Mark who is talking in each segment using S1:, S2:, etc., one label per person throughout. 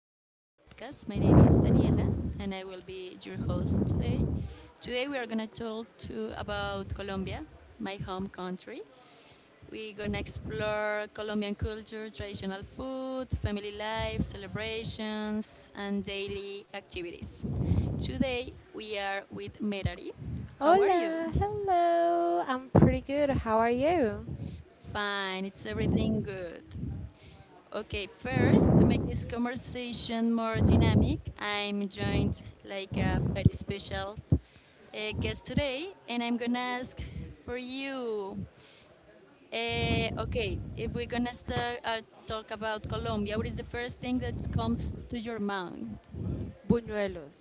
S1: Welcome to a podcast. My name is Daniela, and I will be your host today. Today, we are going to about Colombia, my home country. We're going to explore Colombian culture, traditional food, family life, celebrations, and daily activities. Today, we are with Merari. How are you?
S2: Hola, hello. I'm pretty good. How are you?
S1: Fine, it's everything good. Okay, first, to make this conversation more dynamic, I'm joined like a very special guest today, and I'm gonna ask for you. Okay, if we're gonna start talk about Colombia, what is the first thing that comes to your mind?
S2: Buñuelos.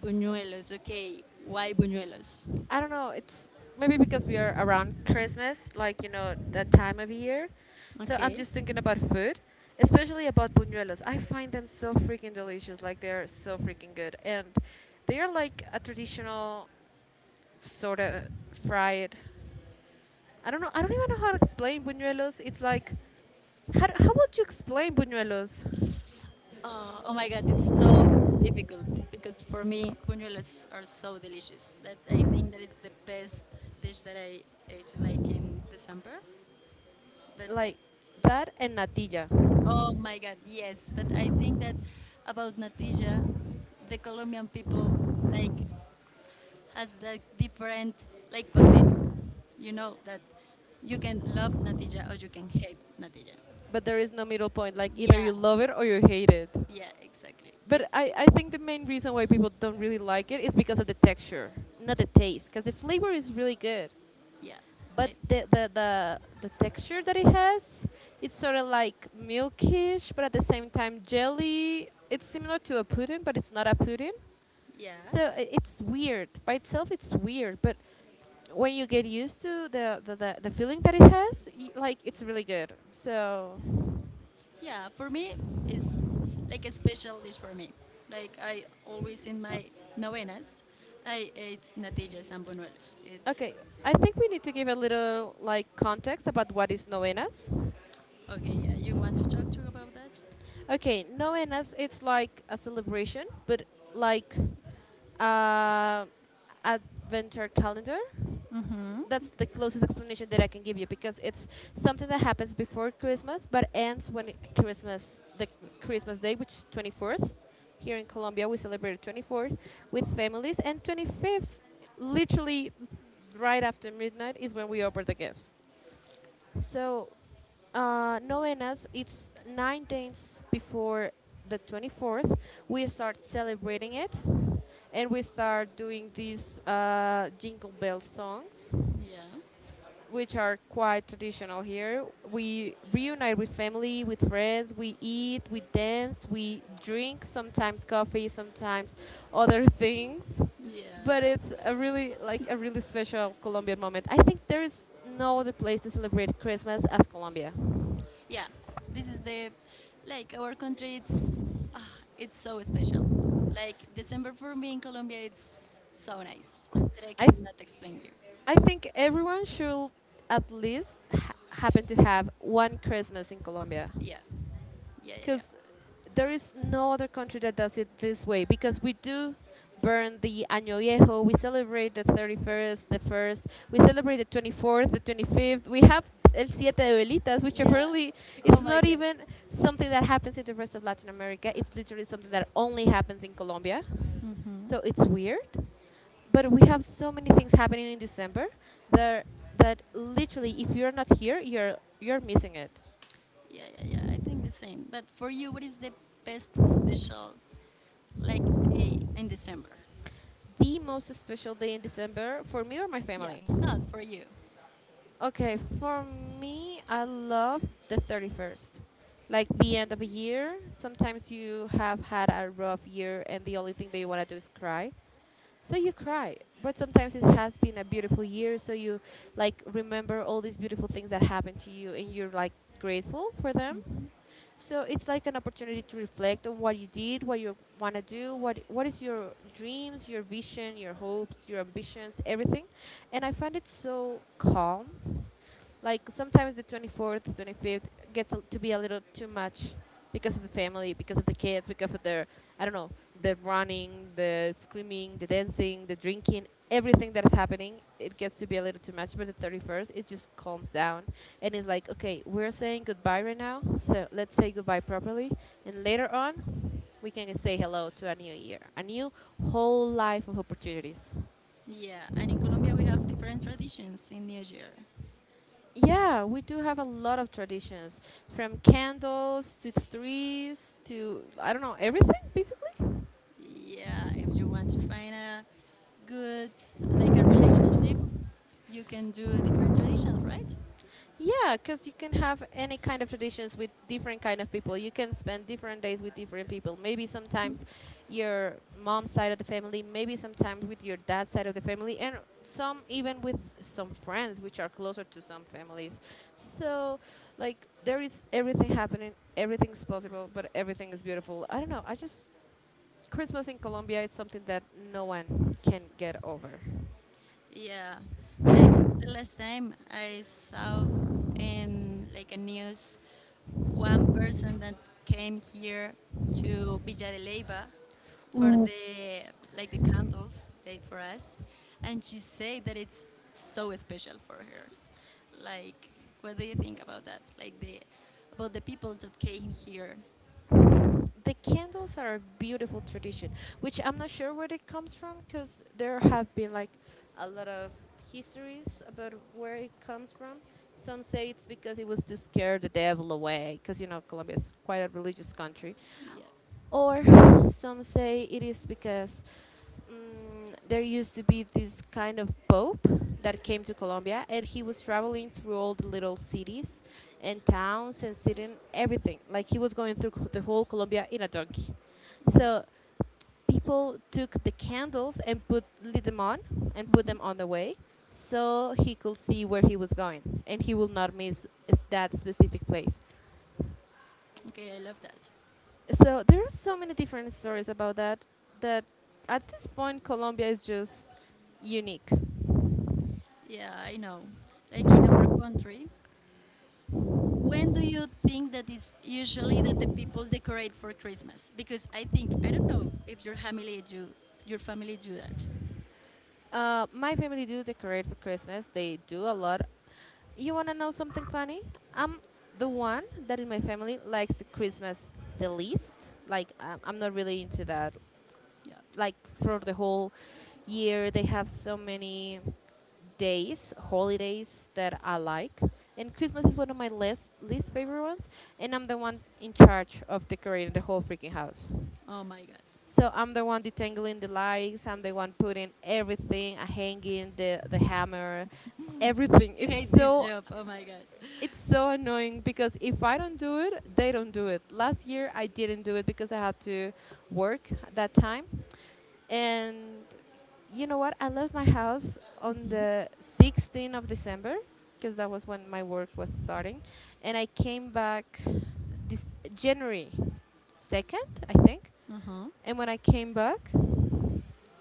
S1: Buñuelos. Okay, why buñuelos?
S2: I don't know, it's maybe because we are around Christmas, like, that time of year. So I'm
S1: Okay.
S2: just thinking about food, especially about buñuelos. I find them so freaking delicious. Like, they're so freaking good. And they are like a traditional sort of fried. I don't know, I don't even know how to explain buñuelos. It's like, how would you explain buñuelos?
S1: Oh my god, it's so difficult because for me buñuelos are so delicious that I think that it's the best dish that I ate like in December. But
S2: Like that, and natilla.
S1: oh my god, yes. But I think that about natilla, the Colombian people like has the different like positions. You know that you can love natilla or you can hate natilla.
S2: But there is no middle point, like either
S1: Yeah,
S2: you love it or you hate it.
S1: yeah, exactly. It
S2: But I think the main reason why people don't really like it is because of the texture, not the taste, because the flavor is really good.
S1: Yeah,
S2: But
S1: I,
S2: the texture that it has, it's sort of like milkish but at the same time jelly. It's similar to a pudding but it's not a pudding.
S1: yeah.
S2: So it's weird. By itself, it's weird, but when you get used to the feeling that it has, like it's really good. So,
S1: Yeah, for me, it's like a special dish for me. Like I always in my novenas, I ate natillas and buñuelos.
S2: okay,
S1: It's
S2: I think we need to give a little like context about what is novenas.
S1: okay. Yeah, you want to talk to about that?
S2: Okay, novenas it's like a celebration, but like uh, adventure calendar. That's the closest explanation that I can give you because it's something that happens before Christmas but ends when Christmas the Christmas day, which is 24th. Here in Colombia we celebrate 24th with families, and 25th literally right after midnight is when we open the gifts. So novenas, it's 9 days before the 24th. We start celebrating it and we start doing these jingle bell songs,
S1: Yeah,
S2: which are quite traditional here. We reunite with family, with friends, we eat, we dance, we drink, sometimes coffee, sometimes other things. But
S1: yeah,
S2: it's a really like a really special Colombian moment. I think there is no other place to celebrate Christmas as Colombia.
S1: yeah. This is the like our country. It's so special. Like December for me in Colombia, it's so nice that I
S2: I th-
S1: cannot explain you.
S2: I think everyone should at least happen to have one Christmas in Colombia,
S1: Yeah, yeah, yeah, yeah,
S2: because there is no other country that does it this way. Because we do burn the Año Viejo, we celebrate the 31st, the 1st, we celebrate the 24th, the 25th. We have El Siete de Velitas, which
S1: yeah.
S2: apparently
S1: Oh
S2: it's
S1: my
S2: not
S1: God.
S2: even something that happens in the rest of Latin America. It's literally something that only happens in Colombia.
S1: Hmm.
S2: So it's weird, but we have so many things happening in December that literally if you're not here, you're missing it.
S1: Yeah, yeah, yeah. I think the same. But for you, what is the best special like day in December?
S2: The most special day in December for me or my
S1: Yeah,
S2: family?
S1: not for you.
S2: Okay, for me, I love the 31st. Like, the
S1: Okay.
S2: end of a year, sometimes you have had a rough year and the only thing that you want to do is cry, so you cry. But sometimes it has been a beautiful year, so you like remember all these beautiful things that happened to you, and you're like grateful for them. So it's like an opportunity to reflect on what you did, what you want to do, what is your dreams, your vision, your hopes, your ambitions, everything. And I find it so calm. Like, sometimes the 24th, 25th gets to be a little too much, because of the family, because of the kids, because of their, I don't know, the running, the screaming, the dancing, the drinking, everything that is happening, it gets to be a little too much. But the 31st, it just calms down. And it's like, okay, we're saying goodbye right now, so let's say goodbye properly. And later on, we can say hello to a new year, a new whole life of opportunities.
S1: Yeah, and in Colombia we have different traditions in New Year.
S2: Yeah, we do have a lot of traditions, from candles to threes to, I don't know, everything basically.
S1: Yeah, if you want to find a good like a relationship, you can do a different traditions, right?
S2: Yeah, because you can have any kind of traditions with different kind of people. You can spend different days with different people. Maybe
S1: Hmm.
S2: sometimes your mom's side of the family, maybe sometimes with your dad's side of the family, and some even with some friends, which are closer to some families. So, like, there is everything happening. Everything's possible, but everything is beautiful. I don't know. I just Christmas in Colombia is something that no one can get over.
S1: Yeah, like the last time I saw in like a news one person that came here to Villa de Leyva for the like the candles they for us, and she said that it's so special for her. Like, what do you think about that? Like the about the people that came here.
S2: The candles are a beautiful tradition, which I'm not sure where it comes from, because there have been like a lot of histories about where it comes from. Some say it's because it was to scare the devil away, because you know Colombia is quite a religious country.
S1: Yeah.
S2: Or some say it is because there used to be this kind of pope that came to Colombia, and he was traveling through all the little cities and towns and sitting everything. Like, he was going through the whole Colombia in a donkey.
S1: Oh my.
S2: So people took the candles and put lit them on and put them on the way so he could see where he was going and he will not miss that specific place.
S1: Okay, I love that.
S2: So there are so many different stories about that, that at this point Colombia is just unique.
S1: Yeah, I know. Like in our country, when do you think that it's usually that the people decorate for Christmas? Because I think I don't know if your family do that.
S2: My family do decorate for Christmas. They do a lot. You wanna know something funny? I'm the one that in my family likes the Christmas the least. Like I'm not really into that,
S1: Yeah.
S2: like, for the whole year they have so many days, holidays that I like, and Christmas is one of my least favorite ones, and I'm the one in charge of decorating the whole freaking house.
S1: Oh my god.
S2: So I'm the one detangling the lights, I'm the one putting everything, hanging the hammer, everything.
S1: You
S2: it's
S1: hate this
S2: so
S1: job. Oh my god.
S2: it's so annoying, because if I don't do it, they don't do it. Last year I didn't do it because I had to work at that time. And you know what? I left my house on the 16th of December, because that was when my work was starting, and I came back this January 2nd, I think.
S1: Uh huh.
S2: And when I came back,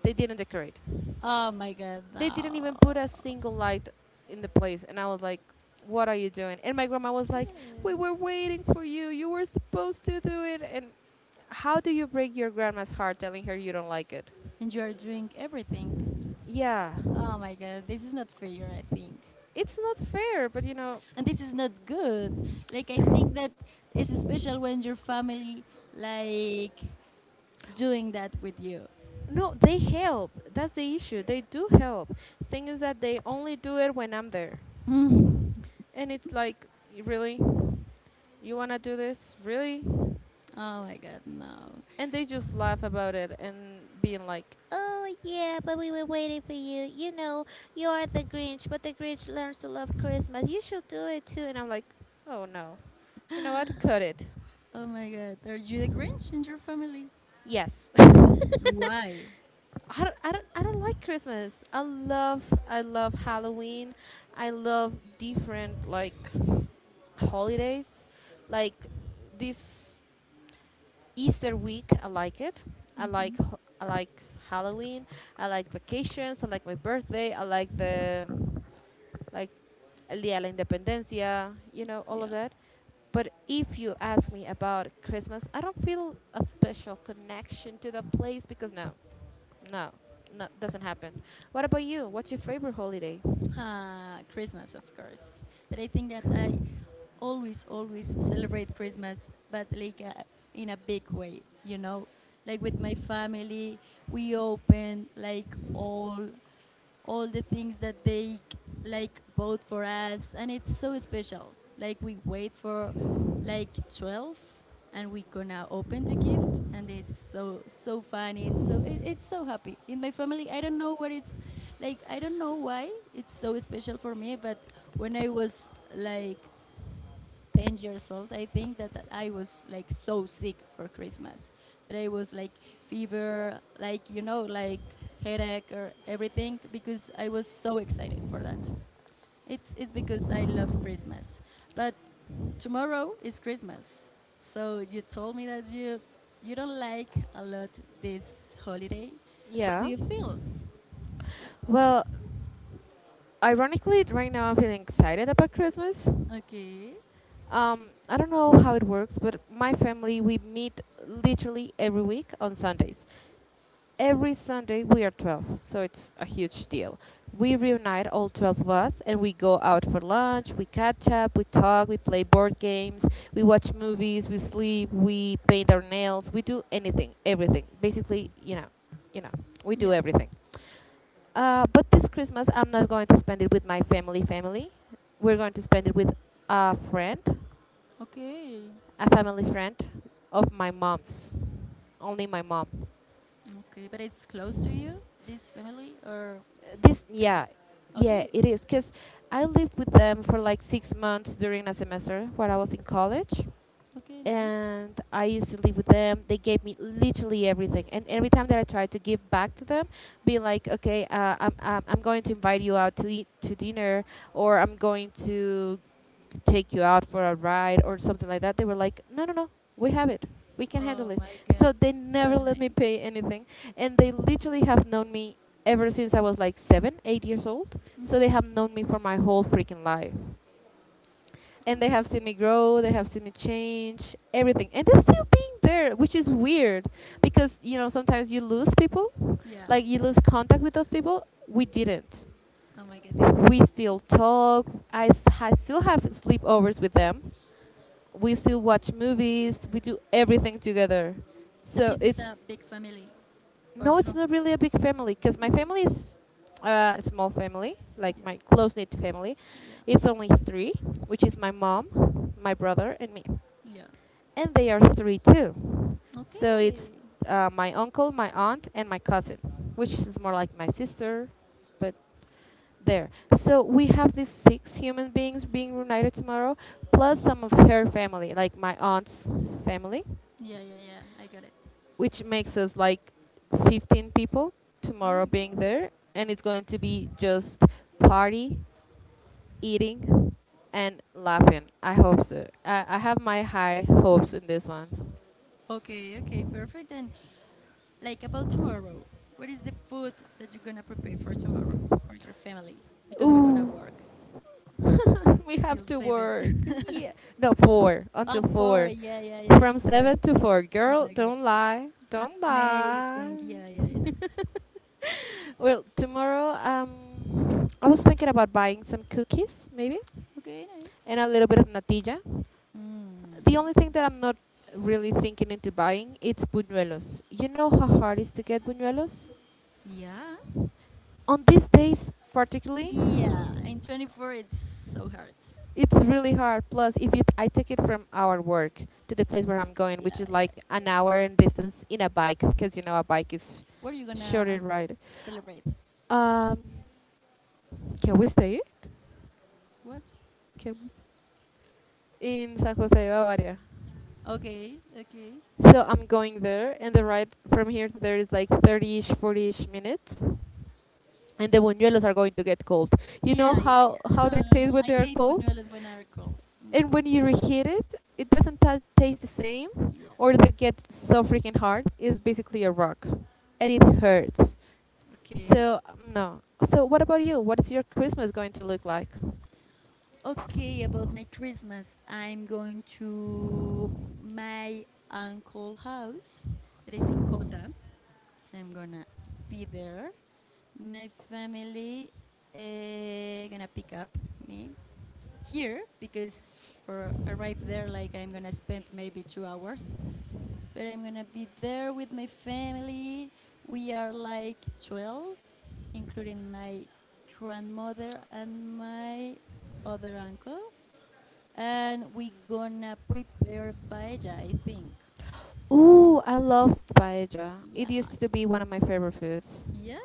S2: they didn't decorate.
S1: Oh my god.
S2: They didn't even put a
S1: No.
S2: single light in the place, and I was like, "What are you doing?" And my grandma was like, "We were waiting for you. You were supposed to do it." And how do you break your grandma's heart telling her you don't like it?
S1: And you are doing everything.
S2: Yeah.
S1: Oh my god. This is not fair. I think.
S2: It's not fair, but you know.
S1: And this is not good. Like I think that it's special when your family like doing that with you.
S2: No, they help, that's the issue, they do help. Thing is that they only do it when I'm there.
S1: Mm.
S2: And it's like, Really, you want to do this, really?"
S1: Oh my god, no.
S2: And they just laugh about it and being like, oh, yeah, but we were waiting for you. You know, you are the Grinch, but the Grinch learns to love Christmas. You should do it too. And I'm like, oh no, you know what, cut it.
S1: Oh my god, are you the Grinch in your family?
S2: Yes.
S1: Why?
S2: I don't like Christmas. I love Halloween. I love different, like, holidays. Like, this Easter week, I like it. I like Halloween. I like vacations. I like my birthday. I like the, like, El Día de la Independencia. You know all of
S1: Yeah.
S2: that. But if you ask me about Christmas, I don't feel a special connection to the place because no, no, no, doesn't happen. What about you? What's your favorite holiday?
S1: Christmas, of course. But I think that I always, always celebrate Christmas, but like in a big way, you know? Like with my family, we open like all the things that they like vote for us, and it's so special. Like we wait for like 12, and we gonna open the gift, and it's so funny. It's so it's so happy in my family. I don't know what it's like. I don't know why it's so special for me. But when I was like 10 years old, I think that I was like so sick for Christmas. That I was like fever, like, like headache or everything because I was so excited for that. It's because I love Christmas. But tomorrow is Christmas. So you told me that you don't like a lot this holiday. What do
S2: Yeah.
S1: you feel?
S2: Well, ironically, right now I'm feeling excited about Christmas.
S1: Okay.
S2: I don't know how it works, but my family, we meet literally every week on Sundays. Every Sunday we are 12, so it's a huge deal. We reunite all 12 of us and we go out for lunch, we catch up, we talk, we play board games, we watch movies, we sleep, we paint our nails, we do anything, everything. Basically, you know, we do
S1: Yeah.
S2: everything. But this Christmas I'm not going to spend it with my family family. We're going to spend it with a friend,
S1: Okay.
S2: a family friend of my mom's. Only my mom.
S1: Okay. But it's close to you, this family, or
S2: This
S1: kinda.
S2: yeah yeah,
S1: Okay.
S2: it is, because I lived with them for like 6 months during a semester while I was in college.
S1: Okay, nice.
S2: And I used to live with them. They gave me literally everything, and every time that I tried to give back to them, be like, okay, I'm going to invite you out to eat to dinner, or I'm going to take you out for a ride or something like that. They were like, no, no, no, we have it, we can handle
S1: Oh
S2: it.
S1: my god,
S2: So they never
S1: so
S2: let me
S1: nice.
S2: pay anything. And they literally have known me ever since I was like seven, 8 years old. So they
S1: Hmm.
S2: have known me for my whole freaking life, and they have seen me grow, they have seen me change everything, and they're still being there, which is weird because you know sometimes you lose people,
S1: Yeah.
S2: like you lose contact with those people. We didn't,
S1: Oh my god, this is
S2: we
S1: amazing.
S2: still talk. I still have sleepovers with them, we still watch movies, we do everything together,
S1: But
S2: so
S1: this is
S2: it's...
S1: a big family, or
S2: No, it's
S1: how?
S2: not really a big family because my
S1: Okay.
S2: family is a small family, like
S1: Yeah.
S2: my close knit family.
S1: Yeah.
S2: It's only three, which is my mom, my brother, and me.
S1: Yeah.
S2: And they are three too. So
S1: Okay.
S2: it's my uncle, my aunt, and my cousin, which is more like my sister, but there. So we have these six human beings being reunited tomorrow, plus some of her family, like my aunt's family,
S1: Yeah, yeah, yeah. I got it.
S2: which makes us like 15 people
S1: Oh my
S2: tomorrow
S1: god.
S2: being there, and it's going to be just party, eating, and laughing. I hope so. I have my high hopes in this one.
S1: Okay. Okay. Perfect. And like about tomorrow, what is the food that you're gonna prepare for tomorrow or your family? Because we're gonna
S2: Ooh.
S1: work
S2: We
S1: until
S2: have to
S1: 7.
S2: work, yeah. No, four,
S1: oh,
S2: until
S1: 4.
S2: four.
S1: Yeah, yeah, yeah. I
S2: From
S1: forgot.
S2: seven to four,
S1: Oh
S2: girl,
S1: my god.
S2: don't lie, don't lie.
S1: Amazing. Yeah, yeah, yeah.
S2: Well, tomorrow, I was thinking about buying some cookies maybe,
S1: Okay, nice.
S2: and a little bit of natilla. The
S1: Mm,
S2: only thing that I'm not really thinking into buying, it's buñuelos. You know how hard it is to get buñuelos?
S1: yeah.
S2: On these days particularly,
S1: Yeah. In 24, it's so hard.
S2: it's really hard. Plus, if it, I take it from our work to the place where I'm going,
S1: Yeah,
S2: which is
S1: yeah.
S2: like an hour in distance in a bike, because you know a bike is
S1: What are you gonna
S2: shorter ride.
S1: celebrate?
S2: Um, can we say it?
S1: What?
S2: Can we? Say? In San Jose, Bavaria.
S1: Okay, okay.
S2: So I'm going there, and the ride from here to there is like 30-ish, 40-ish minutes, and the buñuelos are going to get cold. You know
S1: Yeah,
S2: how
S1: yeah, yeah. No,
S2: they
S1: no, no.
S2: taste when
S1: I
S2: they are
S1: hate
S2: cold,
S1: buñuelos when are cold. No.
S2: and when you reheat it, it doesn't ta taste the same,
S1: Yeah.
S2: or they get so freaking hard. It's basically a rock, and it hurts.
S1: Okay.
S2: So no. So what about you? What is your Christmas going to look like?
S1: Okay, about my Christmas, I'm going to my uncle house that is in Cota. I'm gonna be there. My family gonna pick up me here because for arrive there like I'm gonna spend maybe 2 hours. But I'm gonna be there with my family. We are like 12, including my grandmother and my other uncle. And we gonna prepare paella, I think.
S2: Ooh, I loved paella.
S1: Yeah.
S2: It used to be one of my favorite foods.
S1: Yeah?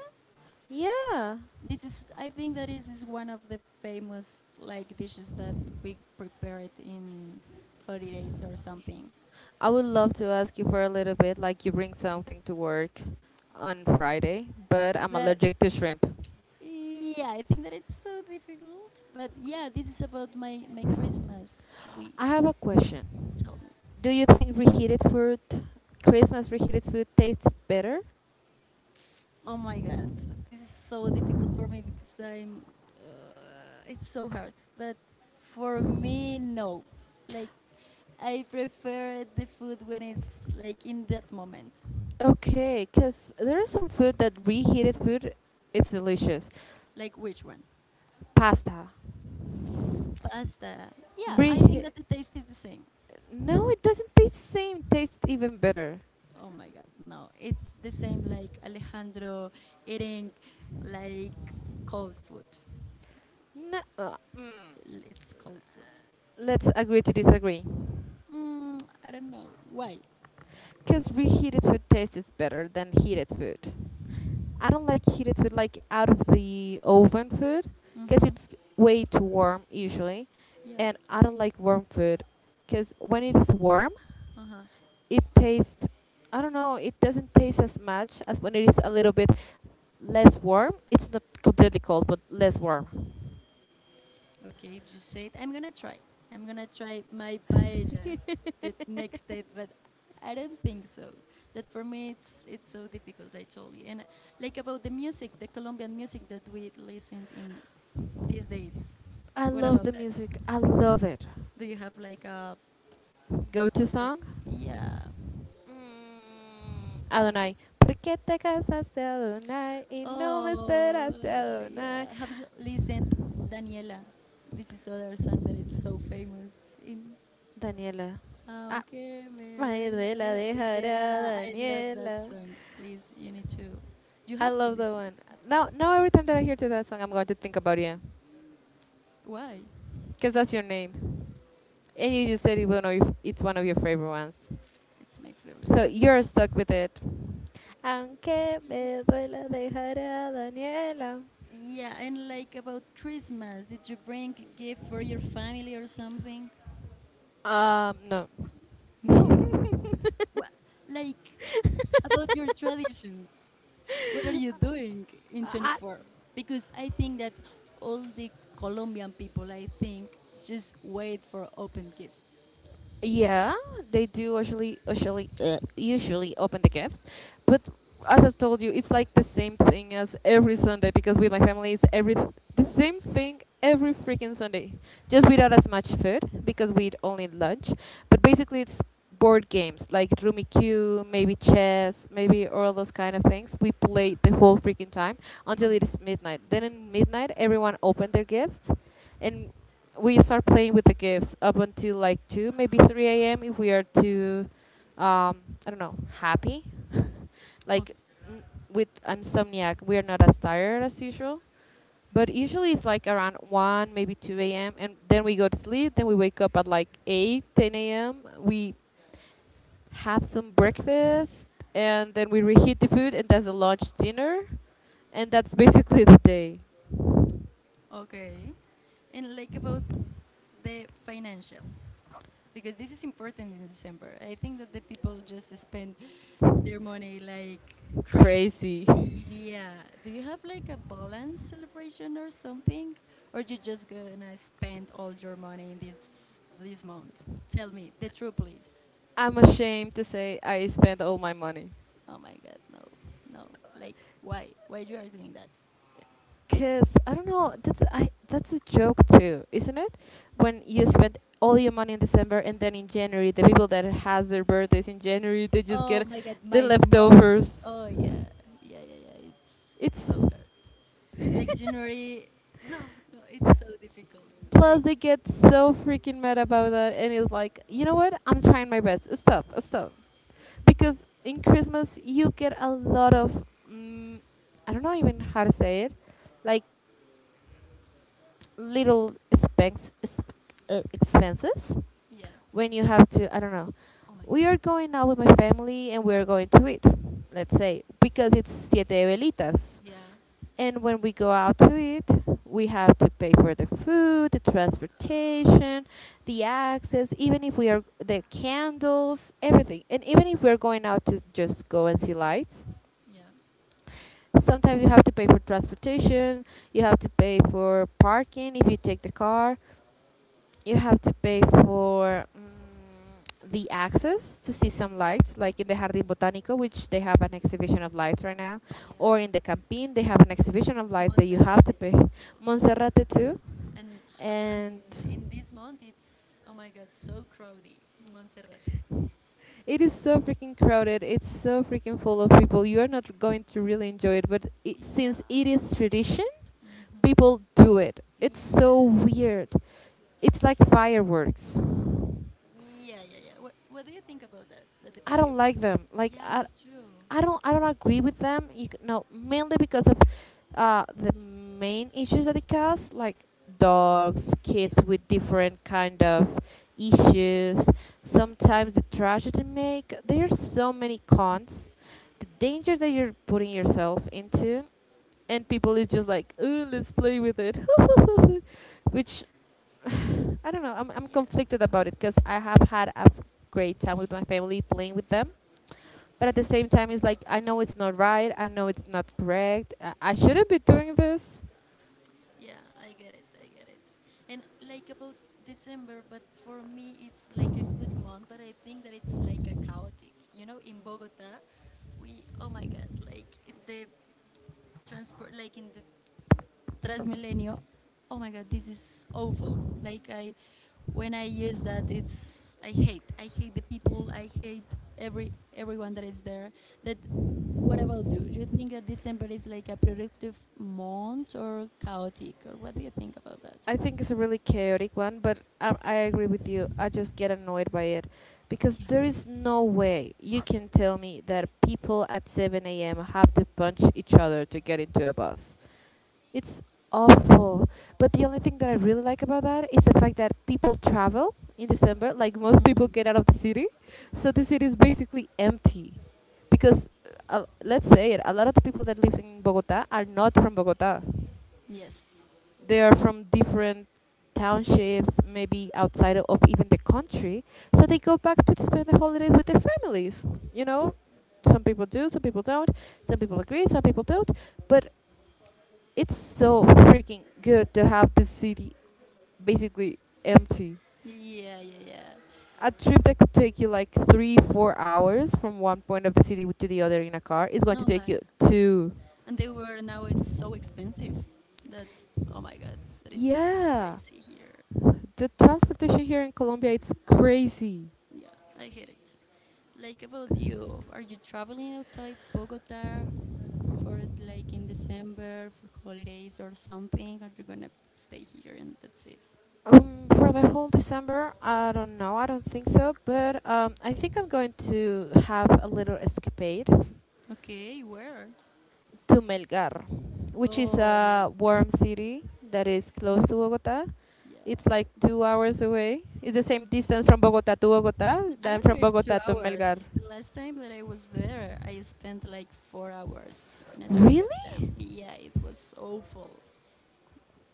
S2: Yeah.
S1: This is, I think, that is one of the famous like dishes that we prepare it in holidays or something.
S2: I would love to ask you for a little bit, like you bring something to work on Friday, but I'm
S1: But
S2: allergic to shrimp.
S1: yeah, I think that it's so difficult. But yeah, this is about my Christmas. We
S2: I have a question.
S1: Tell me.
S2: Do you think reheated food, Christmas reheated food, tastes better?
S1: Oh my God, this is so difficult for me because I'm. It's so hard. But for me, no. Like I prefer the food when it's like in that moment.
S2: Okay, because there is some food that reheated food, it's delicious.
S1: Like which one?
S2: Pasta.
S1: Pasta. Yeah, I think
S2: Rehe-
S1: that the taste is the same.
S2: no, it doesn't taste the same. Tastes even better.
S1: Oh my god, no. It's the same like Alejandro eating like cold food.
S2: No,
S1: It's cold food.
S2: Let's agree to disagree.
S1: Mm, I don't know why.
S2: Because reheated food tastes better than heated food. I don't like heated food, like out of the oven food, because
S1: Mhm.
S2: it's way too warm usually.
S1: Yeah.
S2: And I don't like warm food because when it is warm,
S1: Uh-huh.
S2: it tastes, I don't know, it doesn't taste as much as when it is a little bit less warm. It's not completely cold, but less warm.
S1: Okay, if you say it, I'm gonna try. I'm gonna try my paella the next day, but I don't think so. That for me, it's so difficult. I told you, and like about the music, the Colombian music that we listened in these days.
S2: I
S1: What
S2: love
S1: about
S2: the
S1: that?
S2: music. I love it.
S1: Do you have like
S2: Go to
S1: prefer-
S2: song?
S1: yeah?
S2: Mm, Adonai. ¿Por qué te casaste, Adonai? Y no me esperaste,
S1: Oh,
S2: Adonai.
S1: yeah. Have you listened Daniela? This is other song that it's so famous in
S2: Daniela. Ah,
S1: okay, Manuela.
S2: Manuela
S1: Yeah,
S2: dejará,
S1: I love that
S2: Daniela.
S1: song. Please, you
S2: I
S1: have to
S2: love that
S1: listen to
S2: one.
S1: that.
S2: Now every time that I hear to that song, I'm going to think about you.
S1: Why?
S2: Because that's your name. And you just said it, it's one of your favorite ones.
S1: It's my favorite
S2: So
S1: song.
S2: you're stuck with it. Aunque me duela dejará, Daniela.
S1: Yeah, and like about Christmas, did you bring a gift for your family or something?
S2: Um, no.
S1: No. What? Like about your traditions. What are you doing in
S2: I,
S1: 24? Because I think that all the Colombian people, I think, just wait for open gifts.
S2: yeah, they do usually, usually open the gifts, but as I told you, it's like the same thing as every Sunday, because with my family it's every, the same thing every freaking Sunday, just without as much food because we eat only lunch. But basically, it's board games like Rummy Q, maybe chess, maybe all those kind of things. We play the whole freaking time
S1: Oh
S2: until
S1: my
S2: it is midnight. Then at midnight, everyone opened their gifts, and we start playing with the gifts up until like 2, maybe 3 a.m. if we are too, I don't know, happy.
S1: God.
S2: Like, n- with insomniac we are not as tired as usual, but usually it's like around 1, maybe 2 a.m., and then we go to sleep. Then we wake up at like 8, 10 a.m. We have some breakfast, and then we reheat the food, and that's the lunch, dinner, and that's basically the day.
S1: Okay. And like about the financial, because this is important in December. I think that the people just spend their money like crazy.
S2: Crazy.
S1: Yeah. Do you have like a balance celebration or something? Or you just gonna spend all your money in this month? Tell me, the truth please.
S2: I'm ashamed to say I spent all my money.
S1: Oh my god, no. No. Like why? Why you are doing that?
S2: Cause I don't know, that's, I that's a joke too, isn't it? When you spend all your money in December, and then in January the people that has their birthdays in January, they just
S1: Oh
S2: get
S1: my god,
S2: the
S1: my mom has
S2: leftovers.
S1: oh yeah. Yeah, yeah, yeah. It's
S2: It's...
S1: so hard. Like January, no, no, it's so difficult. Like,
S2: Plus they get so freaking mad about that, and it's like, you know what? I'm trying my best. Stop, stop, because in Christmas you get a lot of, mm, I don't know even how to say it, like little expenses,
S1: yeah.
S2: when you have to, I don't know,
S1: Oh my
S2: we
S1: god.
S2: are going out with my family and we are going to eat, let's say, because it's Siete Velitas.
S1: Yeah,
S2: And when we go out to eat, we have to pay for the food, the transportation, the access, even if we are the candles, everything. And even if we're going out to just go and see lights,
S1: yeah,
S2: sometimes you have to pay for transportation, you have to pay for parking if you take the car, you have to pay for, the access to see some lights, like in the Jardín Botánico, which they have an exhibition of lights right now, or in
S1: yeah.
S2: the Campín, they have an exhibition of lights that
S1: Months
S2: you have to pay.
S1: also,
S2: Monserrate too,
S1: and and
S2: and
S1: in this month it's oh my god, so crowded, Montserrat.
S2: it is so freaking crowded. It's so freaking full of people. You are not going to really enjoy it, but it,
S1: Yeah,
S2: since it is tradition,
S1: mm-hmm,
S2: people do it. It's
S1: yeah,
S2: so weird. It's like fireworks.
S1: yeah, yeah, yeah. What do you think about that? That the
S2: I
S1: fight?
S2: don't like them.
S1: Yeah, me too.
S2: I don't agree with them. No, mainly because of the main issues that they cause, like dogs,
S1: Yeah,
S2: kids with different kind of issues. Sometimes the trash that they make. There are so many cons. The danger that you're putting yourself into, and people is just like, "Oh, let's play with it," which I don't know. I'm
S1: yeah.
S2: conflicted about it because I have had a great time with my family playing with them, but at the same time it's like, I know it's not right, I know it's not correct, I shouldn't be doing this.
S1: Yeah, I get it. I get it. And like about December, but for me it's like a good month, but I think that it's like a chaotic. You know, in Bogota, we oh my god, like the transport, like in the Transmilenio. Oh my god, this is awful. Like I when I use that it's I hate. I hate the people, I hate everyone that is there. That What about you? Do you think that December is like a productive month or chaotic or what do you think about that?
S2: I think it's a really chaotic one, but I agree with you. I just get annoyed by it because
S1: Yeah.
S2: there is no way you can tell me that people at 7 a.m. have to punch each other to get into a bus. It's awful. But the only thing that I really like about that is the fact that people travel in December. Like most people get out of the city, so the city is basically empty, because let's say it, a lot of the people that lives in Bogota are not from Bogota. They
S1: Yes.
S2: are from different townships, maybe outside of even the country. So they go back to spend the holidays with their families. You know, some people do, some people don't. Some people agree, some people don't. But it's so freaking good to have the city basically empty.
S1: Yeah, yeah, yeah.
S2: A trip that could take you like three, 4 hours from one point of the city to the other in a car is going to
S1: No,
S2: take
S1: my
S2: you two.
S1: and they were now it's so expensive that oh my god, that it's so
S2: Yeah,
S1: crazy here.
S2: the transportation here in Colombia, it's crazy.
S1: Yeah, I hate it. Like about you, are you traveling outside Bogota for like in December for holidays or something? Are you gonna stay here and that's it?
S2: For the whole December, I don't know. I don't think so, but I think I'm going to have a little escapade
S1: Okay, where?
S2: to Melgar, which is
S1: Oh my
S2: a warm city that is close to Bogota. It's
S1: yeah.
S2: like 2 hours away. It's the same distance from Bogota to Bogota
S1: I
S2: than
S1: don't
S2: from
S1: know if two
S2: Bogota to Melgar.
S1: hours. The last time that I was there, I spent like 4 hours in a traffic jam.
S2: Really?
S1: Yeah, it was awful.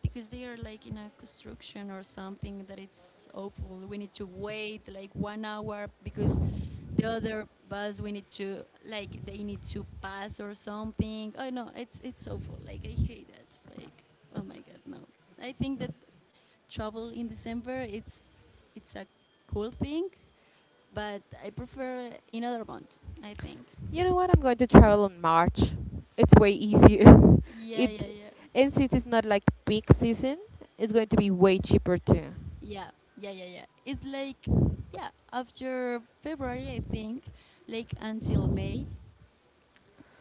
S1: Because they are like in a construction or something that it's awful. We need to wait like 1 hour because the other bus we need to like they need to pass or something. Oh no, it's awful. Like I hate that. Like oh my god, no. I think that travel in December it's a cool thing, but I prefer another month. I think.
S2: You know what? I'm going to travel in March. It's way easier.
S1: Yeah, yeah,
S2: It,
S1: yeah,
S2: and since it's not like peak season, it's going to be way cheaper too.
S1: yeah, yeah, yeah, yeah. It's like yeah after February I think, like until May.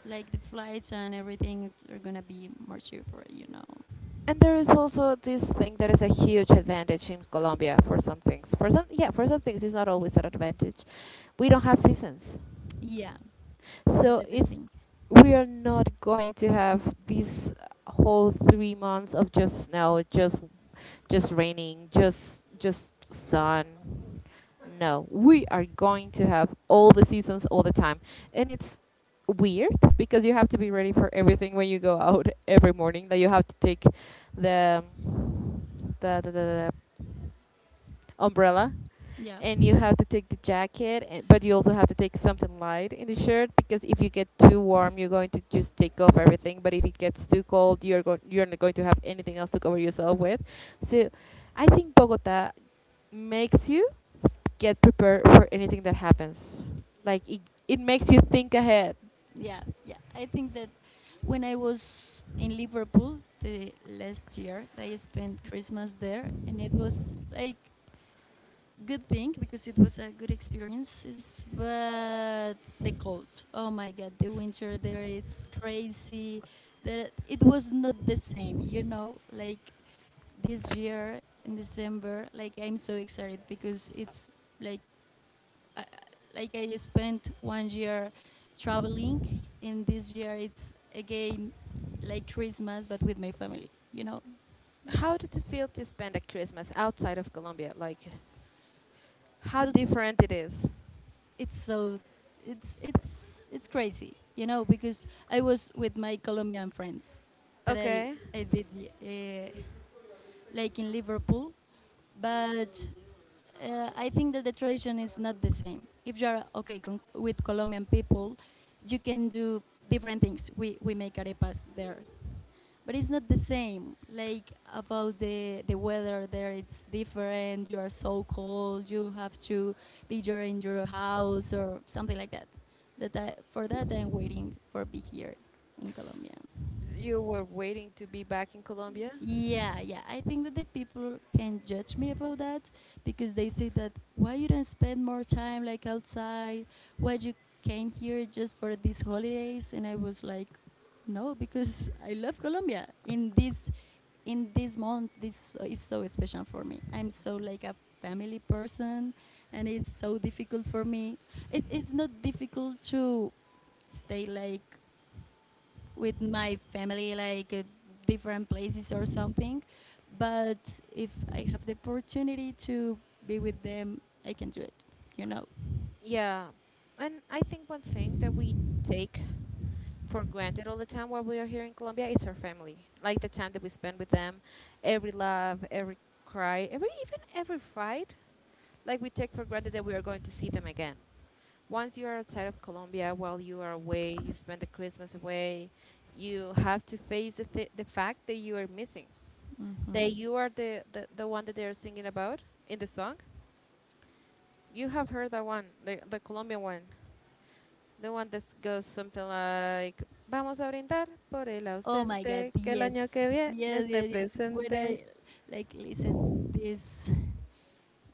S1: Like the flights and everything are gonna be more cheaper.
S2: And there is also this thing that is a huge advantage in Colombia for some things. For some, yeah, for some things, it's not always an advantage. We don't have seasons.
S1: Yeah, this is
S2: So
S1: the best
S2: it's,
S1: thing.
S2: we are not going to have these whole 3 months of just snow, just raining, just sun. No, we are going to have all the seasons all the time, and it's weird because you have to be ready for everything when you go out every morning. That you have to take the the umbrella,
S1: Yeah,
S2: and you have to take the jacket, and but you also have to take something light in the shirt, because if you get too warm you're going to just take off everything, but if it gets too cold you're not going to have anything else to cover yourself with. So I think Bogota makes you get prepared for anything that happens, like it, it makes you think ahead.
S1: yeah, yeah. I think that when I was in Liverpool the last year, I spent Christmas there, and it was like good thing because it was a good experience. But the cold, oh my god, the winter there, it's crazy. That it was not the same. Like this year in December, like I'm so excited because it's like I, like I spent 1 year traveling, and this year it's again like Christmas, but with my family. You know,
S2: How does it feel to spend a Christmas outside of Colombia, like
S1: it
S2: how
S1: was
S2: different it is?
S1: it's so it's crazy. You know, because I was with my Colombian friends that I
S2: Okay.
S1: I did uh, like in Liverpool, but I think that the tradition is not the same. If you're with Colombian people, you can do different things. We make arepas there, but it's not the same. Like about the weather there, it's different. You are so cold. You have to be there in your house or something like that. For that I'm waiting for be here in Colombia.
S2: You were waiting to be back in Colombia.
S1: Yeah, yeah. I think that the people can judge me about that because they say that why you don't spend more time like outside? Why you came here just for these holidays? And I was like, no, because I love Colombia. In this month, this is so special for me. I'm so like a family person, and it's so difficult for me. It's not difficult to stay like with my family, like different places or something. But if I have the opportunity to be with them, I can do it. You know.
S2: Yeah. And I think one thing that we take for granted all the time while we are here in Colombia is our family. Like the time that we spend with them, every laugh, every cry, every even every fight, like we take for granted that we are going to see them again. Once you are outside of Colombia, while you are away, you spend the Christmas away, you have to face the fact that you are missing, that
S1: Mhm.
S2: you are the one that they are singing about in the song. You have heard that one, the Colombian one. The one that goes something like, vamos a brindar por el
S1: Oh my God!
S2: ausente, que el año que
S1: Yes,
S2: viene
S1: yes,
S2: esté
S1: yes, yes. When
S2: presente.
S1: I like listen this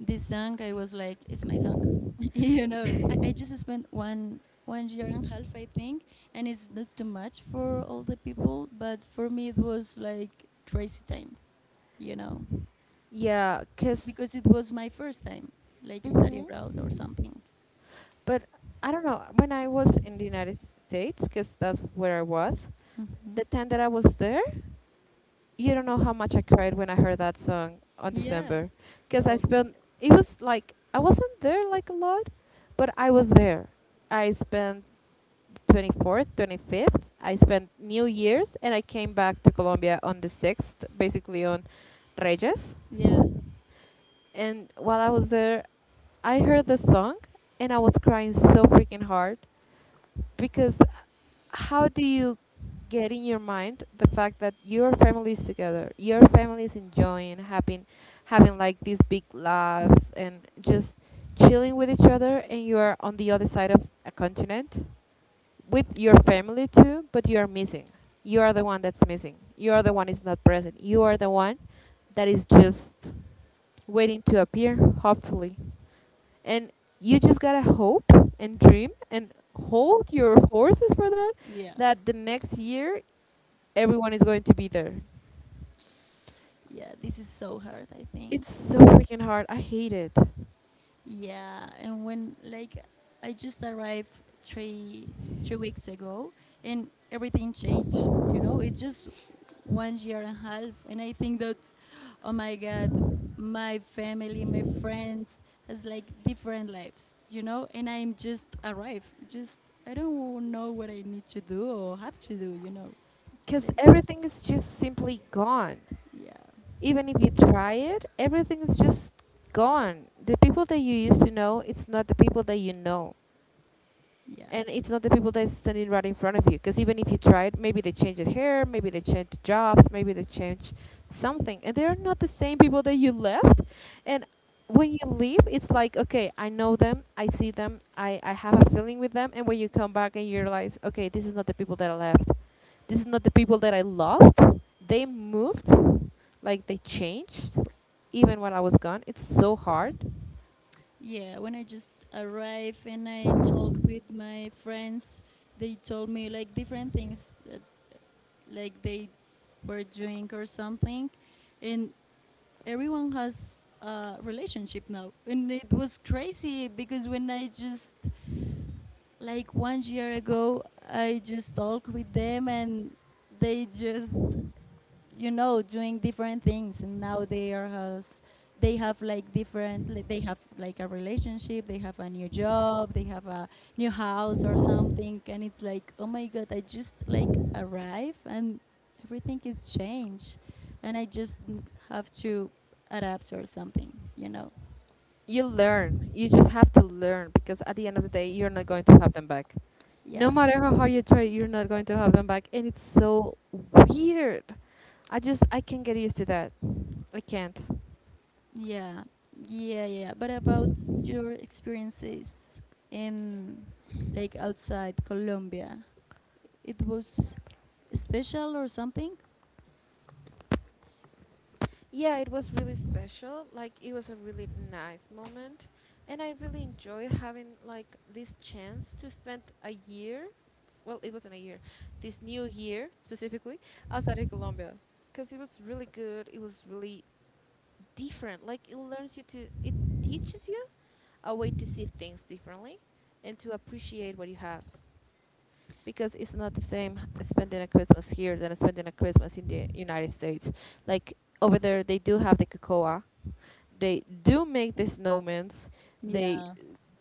S1: song, I was like, it's my song. I just spent one year and a half, I think, and it's not too much for all the people, but for me it was like crazy time. You know.
S2: Yeah, because,
S1: Because it was my first time, like study abroad
S2: hmm
S1: or something.
S2: but I don't know, when I was in the United States, because that's where I was, the time that I was there, you don't know how much I cried when I heard that song on
S1: Yeah.
S2: December, because I
S1: Oh my
S2: spent.
S1: god.
S2: It was like I wasn't there like a lot, but I was there. I spent 24th, 25th. I spent New Year's and I came back to Colombia on the 6th, basically on Reyes.
S1: Yeah.
S2: And while I was there, I heard the song and I was crying so freaking hard because how do you get in your mind the fact that your family is together, your family is enjoying having having like these big laughs and just chilling with each other, and you are on the other side of a continent with your family too, but you are missing, you are the one that's missing, you are the one is not present, you are the one that is just waiting to appear, hopefully, and you just gotta hope and dream and hold your horses for that,
S1: Yeah.
S2: that the next year everyone is going to be there.
S1: Yeah. This is so hard, I think.
S2: It's so freaking hard, I hate it.
S1: Yeah, and when like I just arrived three three weeks ago, and everything changed. You know, it's just 1 year and a half, and I think that, oh my God, my family, my friends has like different lives. You know, and I'm just arrived. Just I don't know what I need to do or have to do. You know,
S2: Because
S1: like,
S2: everything is just simply gone,
S1: yeah,
S2: even if you try it, everything is just gone. The people that you used to know, it's not the people that you know,
S1: yeah.
S2: and it's not the people that's standing right in front of you, because even if you tried, maybe they changed hair, maybe they changed jobs, maybe they changed something, and they're not the same people that you left. And when you leave, it's like, okay, I know them, I see them, I have a feeling with them. And when you come back and you realize, okay, this is not the people that I left, this is not the people that I loved, they moved, like they changed, even when I was gone, it's so hard.
S1: Yeah, when I just arrived and I talked with my friends, they told me like different things that like they were doing or something, and everyone has a relationship now, and it was crazy because when I just like 1 year ago, I just talked with them and they just you know, doing different things, and now they are has they have like different like, they have like a relationship, they have a new job, they have a new house or something, and it's like oh my god, I just like arrive and everything is changed, and I just have to adapt or something, you know.
S2: You learn. You just have to learn, because at the end of the day, you're not going to have them back. No
S1: Yeah.
S2: matter how hard you try, you're not going to have them back, and it's so weird. I can't get used to that. I can't.
S1: yeah yeah but about your experiences in like outside Colombia, it was special or something.
S2: Yeah, it was really special. Like it was a really nice moment, and I really enjoyed having like this chance to spend a year. Well, it wasn't a year. This new year specifically outside of Colombia, because it was really good. It was really different. Like it learns you to, it teaches you a way to see things differently and to appreciate what you have. Because it's not the same spending a Christmas here than spending a Christmas in the United States. Like over there, they do have the cocoa, they do make the snowmans, they
S1: Yeah.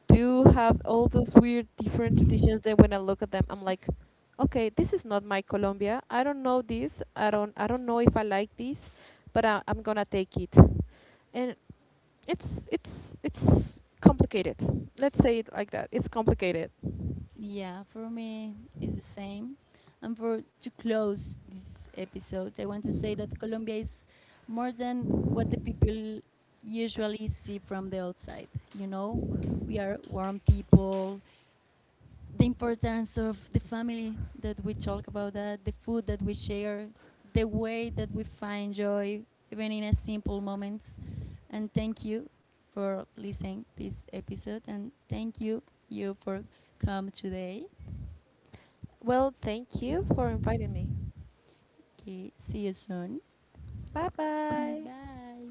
S2: do have all those weird different traditions. Then when I look at them, I'm like, okay, this is not my Colombia. I don't know this. I don't. I don't know if I like this, but I'm gonna take it. And it's complicated. Let's say it like that. It's complicated.
S1: Yeah, for me it's the same. And for to close this episode, I want to say that Colombia is more than what the people
S2: Th-
S1: usually see from the outside. You know, we are warm people, the importance of the family that we talk about, that the food that we share, the way that we find joy even in a simple moments. And thank you for listening this episode, and thank you for come today.
S2: Well, thank you for inviting me.
S1: Okay, see you soon.
S2: Bye bye.
S1: Bye.